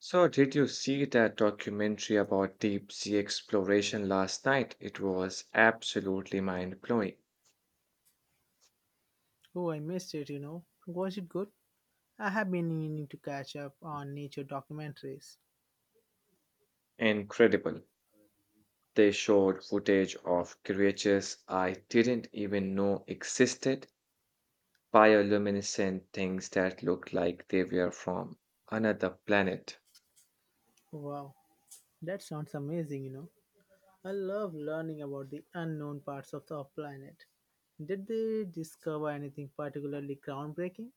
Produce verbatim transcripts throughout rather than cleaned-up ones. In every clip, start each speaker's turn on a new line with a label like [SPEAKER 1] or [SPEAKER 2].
[SPEAKER 1] So, did you see that documentary about deep sea exploration last night? It was absolutely mind-blowing.
[SPEAKER 2] Oh, I missed it, you know. Was it good? I have been meaning to catch up on nature documentaries.
[SPEAKER 1] Incredible. They showed footage of creatures I didn't even know existed, bioluminescent things that looked like they were from another planet.
[SPEAKER 2] Wow, that sounds amazing, you know. I love learning about the unknown parts of the planet. Did they discover anything particularly groundbreaking?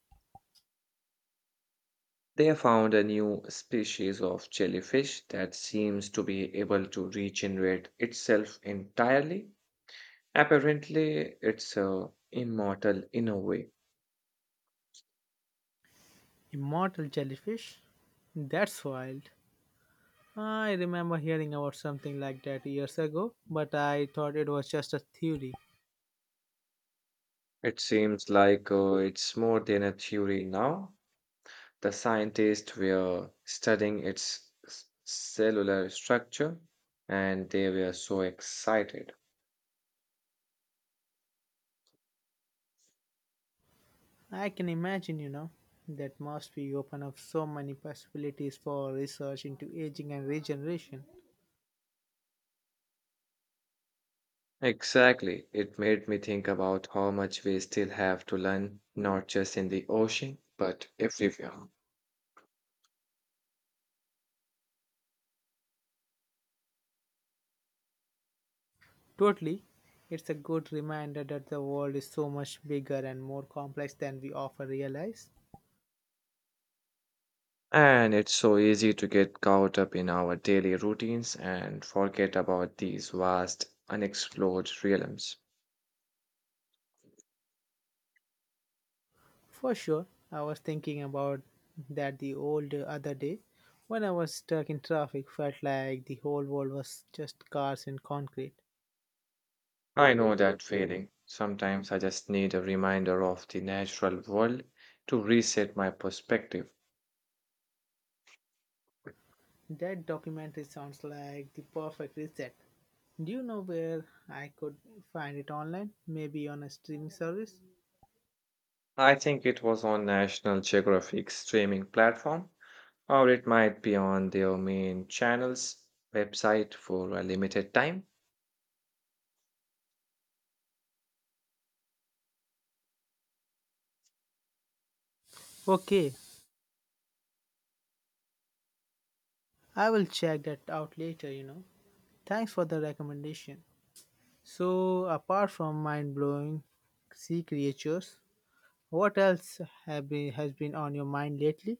[SPEAKER 1] They found a new species of jellyfish that seems to be able to regenerate itself entirely. Apparently, it's uh, immortal in a way.
[SPEAKER 2] Immortal jellyfish? That's wild. I remember hearing about something like that years ago, but I thought it was just a theory.
[SPEAKER 1] It seems like uh, it's more than a theory now. The scientists were studying its s- cellular structure and they were so excited.
[SPEAKER 2] I can imagine, you know, that must be open up so many possibilities for research into aging and regeneration.
[SPEAKER 1] Exactly. It made me think about how much we still have to learn, not just in the ocean, but everywhere.
[SPEAKER 2] Totally. It's a good reminder that the world is so much bigger and more complex than we often realize.
[SPEAKER 1] And it's so easy to get caught up in our daily routines and forget about these vast, unexplored realms.
[SPEAKER 2] For sure, I was thinking about that the old other day when I was stuck in traffic felt like the whole world was just cars and concrete.
[SPEAKER 1] I know that feeling. Sometimes I just need a reminder of the natural world to reset my perspective.
[SPEAKER 2] That documentary sounds like the perfect reset. Do you know where I could find it online? Maybe on a streaming service?
[SPEAKER 1] I think it was on National Geographic streaming platform, or it might be on their main channel's website for a limited time.
[SPEAKER 2] Okay, I will check that out later, you know. Thanks for the recommendation. So, apart from mind blowing sea creatures, what else have been, has been on your mind lately?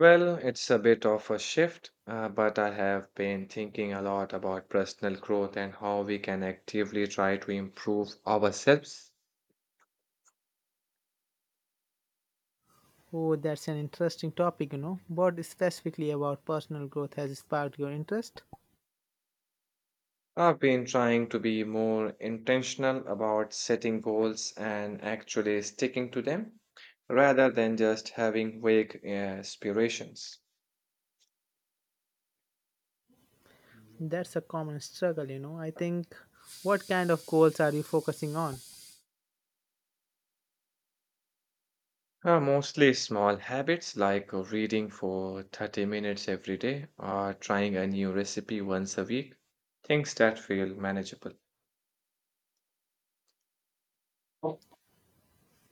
[SPEAKER 1] Well, it's a bit of a shift, uh, but I have been thinking a lot about personal growth and how we can actively try to improve ourselves.
[SPEAKER 2] Oh, that's an interesting topic, you know. What specifically about personal growth has sparked your interest?
[SPEAKER 1] I've been trying to be more intentional about setting goals and actually sticking to them rather than just having vague uh, aspirations.
[SPEAKER 2] That's a common struggle, you know. I think what kind of goals are you focusing on?
[SPEAKER 1] Uh, mostly small habits like uh, reading for thirty minutes every day or trying a new recipe once a week, things that feel manageable. Oh.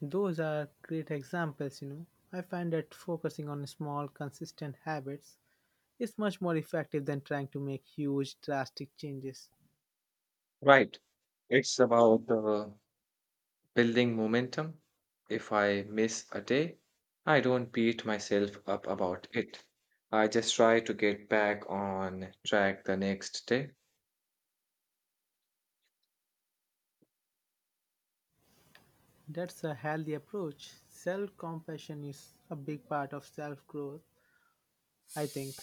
[SPEAKER 2] Those are great examples, you know. I find that focusing on small, consistent habits is much more effective than trying to make huge, drastic changes.
[SPEAKER 1] Right. It's about uh, building momentum. If I miss a day, I don't beat myself up about it. I just try to get back on track the next day.
[SPEAKER 2] That's a healthy approach. Self compassion is a big part of self growth, I think.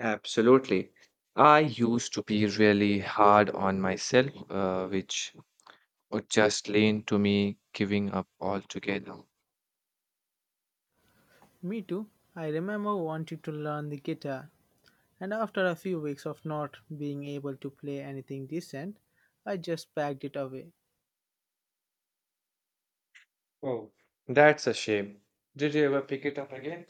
[SPEAKER 1] Absolutely. I used to be really hard on myself, uh, which would just lean to me giving up altogether.
[SPEAKER 2] Me too. I remember wanting to learn the guitar, and after a few weeks of not being able to play anything decent, I just packed it away.
[SPEAKER 1] Oh, that's a shame. Did you ever pick it up again?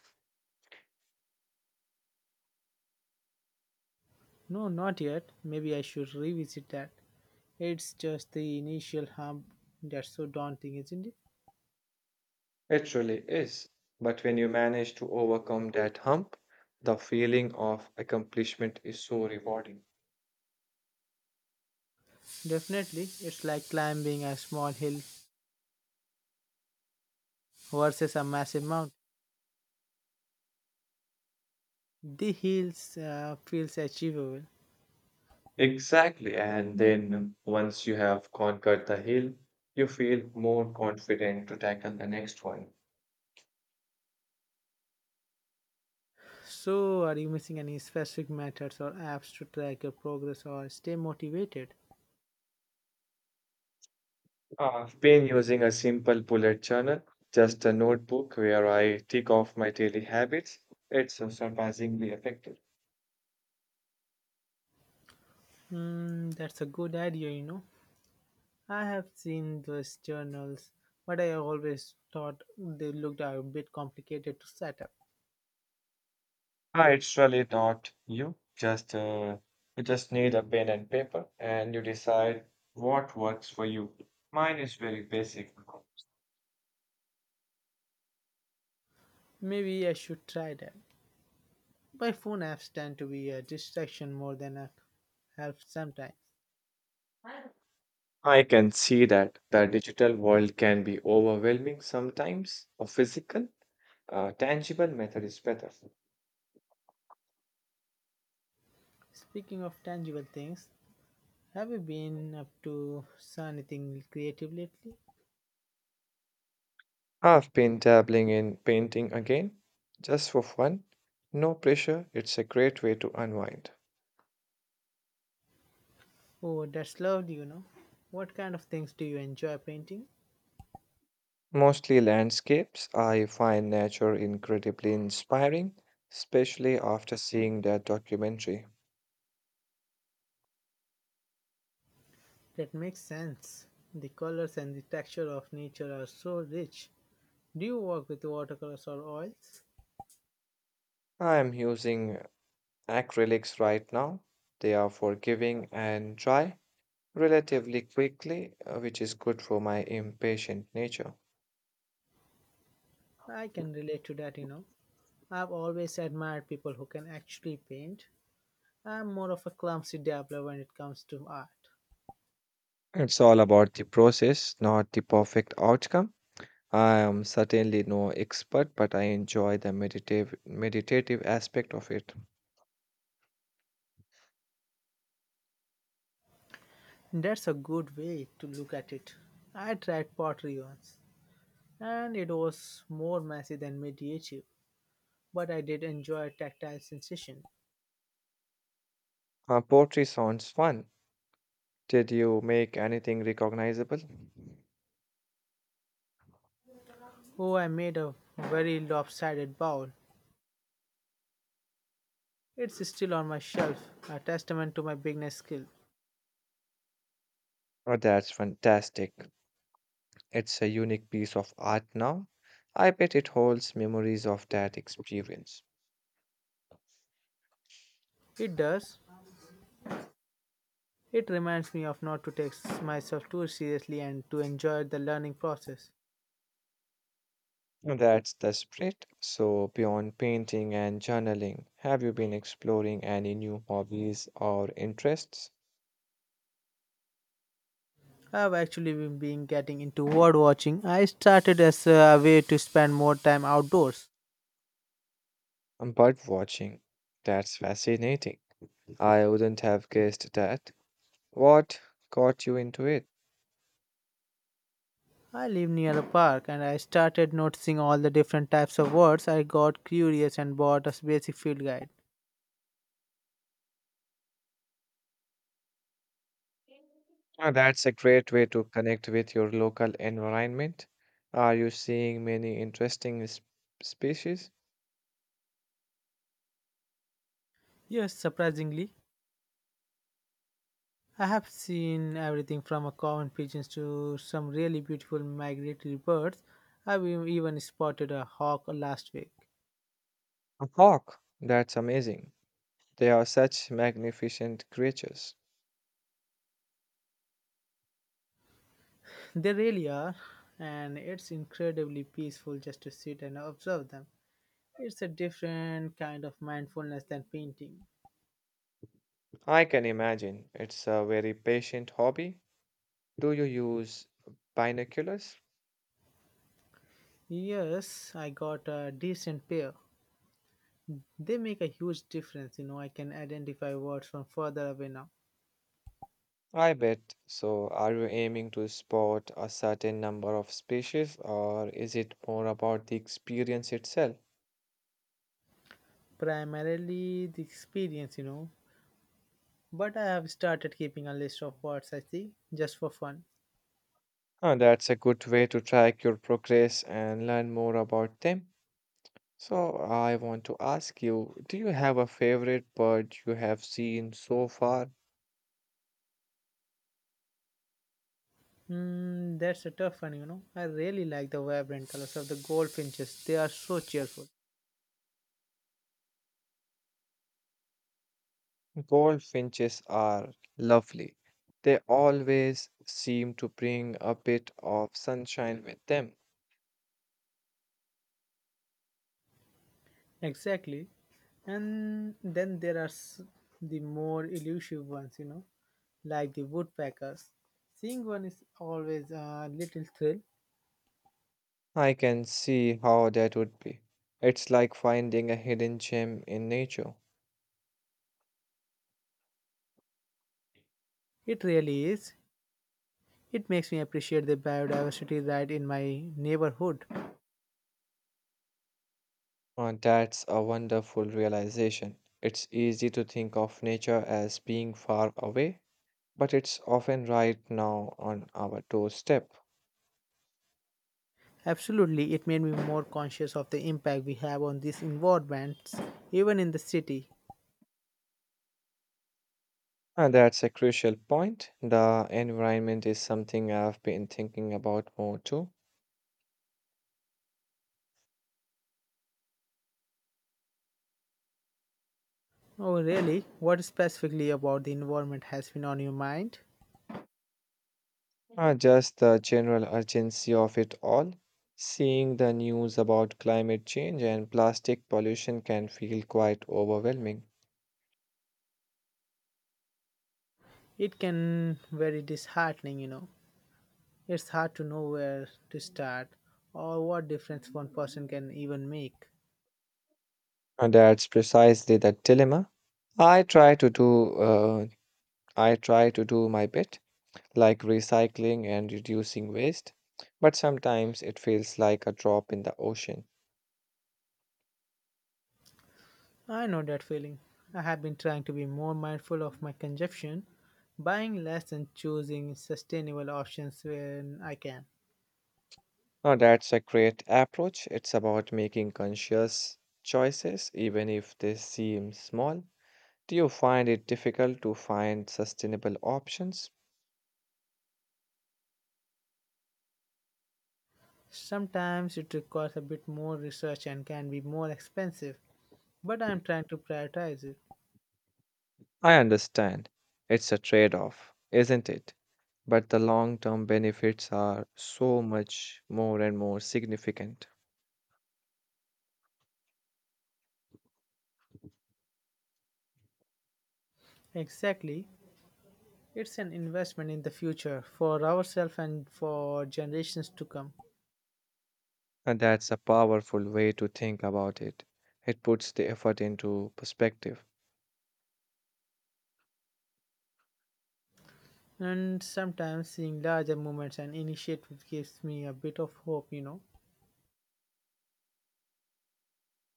[SPEAKER 2] No, not yet. Maybe I should revisit that. It's just the initial hump that's so daunting, isn't it?
[SPEAKER 1] It really is. But when you manage to overcome that hump, the feeling of accomplishment is so rewarding.
[SPEAKER 2] Definitely, it's like climbing a small hill versus a massive mountain. The hills uh, feels achievable.
[SPEAKER 1] Exactly. And then once you have conquered the hill, you feel more confident to tackle the next one.
[SPEAKER 2] So, are you missing any specific methods or apps to track your progress or stay motivated?
[SPEAKER 1] I've been using a simple bullet journal, just a notebook where I tick off my daily habits. It's uh, surprisingly effective.
[SPEAKER 2] Hmm, that's a good idea, you know. I have seen those journals, but I always thought they looked a bit complicated to set up.
[SPEAKER 1] Ah, it's really not you. Just uh, you just need a pen and paper, and you decide what works for you. Mine is very basic.
[SPEAKER 2] Maybe I should try that. My phone apps tend to be a distraction more than a help sometimes.
[SPEAKER 1] I can see that the digital world can be overwhelming sometimes. A physical, uh, tangible method is better.
[SPEAKER 2] Speaking of tangible things, have you been up to s- anything creative lately?
[SPEAKER 1] I've been dabbling in painting again, just for fun. No pressure. It's a great way to unwind.
[SPEAKER 2] Oh, that's lovely, you know. What kind of things do you enjoy painting?
[SPEAKER 1] Mostly landscapes. I find nature incredibly inspiring, especially after seeing that documentary.
[SPEAKER 2] That makes sense. The colors and the texture of nature are so rich. Do you work with watercolors or oils?
[SPEAKER 1] I am using acrylics right now. They are forgiving and dry relatively quickly, uh, which is good for my impatient nature.
[SPEAKER 2] I can relate to that, you know. I've always admired people who can actually paint. I'm more of a clumsy dabbler when it comes to art.
[SPEAKER 1] It's all about the process, not the perfect outcome. I am certainly no expert, but I enjoy the meditative meditative aspect of it.
[SPEAKER 2] That's a good way to look at it. I tried pottery once, and it was more messy than medieval, but I did enjoy a tactile sensation.
[SPEAKER 1] Uh, poetry sounds fun. Did you make anything recognizable?
[SPEAKER 2] Oh, I made a very lopsided bowl. It's still on my shelf, a testament to my beginner skill.
[SPEAKER 1] Oh, that's fantastic. It's a unique piece of art now. I bet it holds memories of that experience.
[SPEAKER 2] It does. It reminds me of not to take myself too seriously and to enjoy the learning process.
[SPEAKER 1] That's the spirit. So, beyond painting and journaling, have you been exploring any new hobbies or interests?
[SPEAKER 2] I've actually been been getting into bird watching. I started as a way to spend more time outdoors.
[SPEAKER 1] Um, Bird watching. That's fascinating. I wouldn't have guessed that. What got you into it?
[SPEAKER 2] I live near a park and I started noticing all the different types of birds. I got curious and bought a basic field guide.
[SPEAKER 1] Ah, that's a great way to connect with your local environment. Are you seeing many interesting s- species?
[SPEAKER 2] Yes, surprisingly, I have seen everything from a common pigeons to some really beautiful migratory birds. I've e- even spotted a hawk last week.
[SPEAKER 1] A hawk. That's amazing. They are such magnificent creatures.
[SPEAKER 2] They really are, and it's incredibly peaceful just to sit and observe them. It's a different kind of mindfulness than painting.
[SPEAKER 1] I can imagine it's a very patient hobby. Do you use binoculars?
[SPEAKER 2] Yes, I got a decent pair. They make a huge difference, you know. I can identify words from further away now.
[SPEAKER 1] I bet. So, are you aiming to spot a certain number of species, or is it more about the experience itself?
[SPEAKER 2] Primarily the experience, you know. But I have started keeping a list of words I see just for fun.
[SPEAKER 1] Huh, that's a good way to track your progress and learn more about them. So, I want to ask you, do you have a favorite bird you have seen so far?
[SPEAKER 2] Hmm, that's a tough one, you know. I really like the vibrant colors of the goldfinches. They are so cheerful.
[SPEAKER 1] Goldfinches are lovely. They always seem to bring a bit of sunshine with them.
[SPEAKER 2] Exactly. And then there are s- the more elusive ones, you know, like the woodpeckers. Seeing one is always a little thrill.
[SPEAKER 1] I can see how that would be. It's like finding a hidden gem in nature.
[SPEAKER 2] It really is. It makes me appreciate the biodiversity right in my neighborhood.
[SPEAKER 1] Uh, that's a wonderful realization. It's easy to think of nature as being far away, but it's often right now on our doorstep.
[SPEAKER 2] Absolutely, it made me more conscious of the impact we have on these environments, even in the city.
[SPEAKER 1] And that's a crucial point. The environment is something I've been thinking about more too.
[SPEAKER 2] Oh, really? What specifically about the environment has been on your mind?
[SPEAKER 1] Uh, just the general urgency of it all. Seeing the news about climate change and plastic pollution can feel quite overwhelming.
[SPEAKER 2] It can very disheartening, you know. It's hard to know where to start or what difference one person can even make.
[SPEAKER 1] And that's precisely the dilemma. I try to do uh, I try to do my bit, like recycling and reducing waste, but sometimes it feels like a drop in the ocean.
[SPEAKER 2] I know that feeling. I have been trying to be more mindful of my consumption, buying less and choosing sustainable options when I can.
[SPEAKER 1] Now that's a great approach. It's about making conscious choices, even if they seem small. Do you find it difficult to find sustainable options?
[SPEAKER 2] Sometimes it requires a bit more research and can be more expensive, but I am trying to prioritize it.
[SPEAKER 1] I understand. It's a trade off, isn't it? But the long term benefits are so much more and more significant.
[SPEAKER 2] Exactly. It's an investment in the future for ourselves and for generations to come.
[SPEAKER 1] And that's a powerful way to think about it. It puts the effort into perspective.
[SPEAKER 2] And sometimes seeing larger movements and initiatives gives me a bit of hope, you know,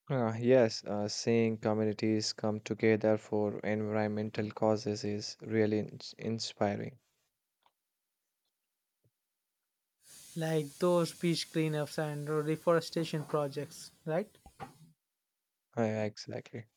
[SPEAKER 1] Uh, yes, uh, seeing communities come together for environmental causes is really ins- inspiring.
[SPEAKER 2] like those beach cleanups and reforestation projects, right?
[SPEAKER 1] Uh, exactly.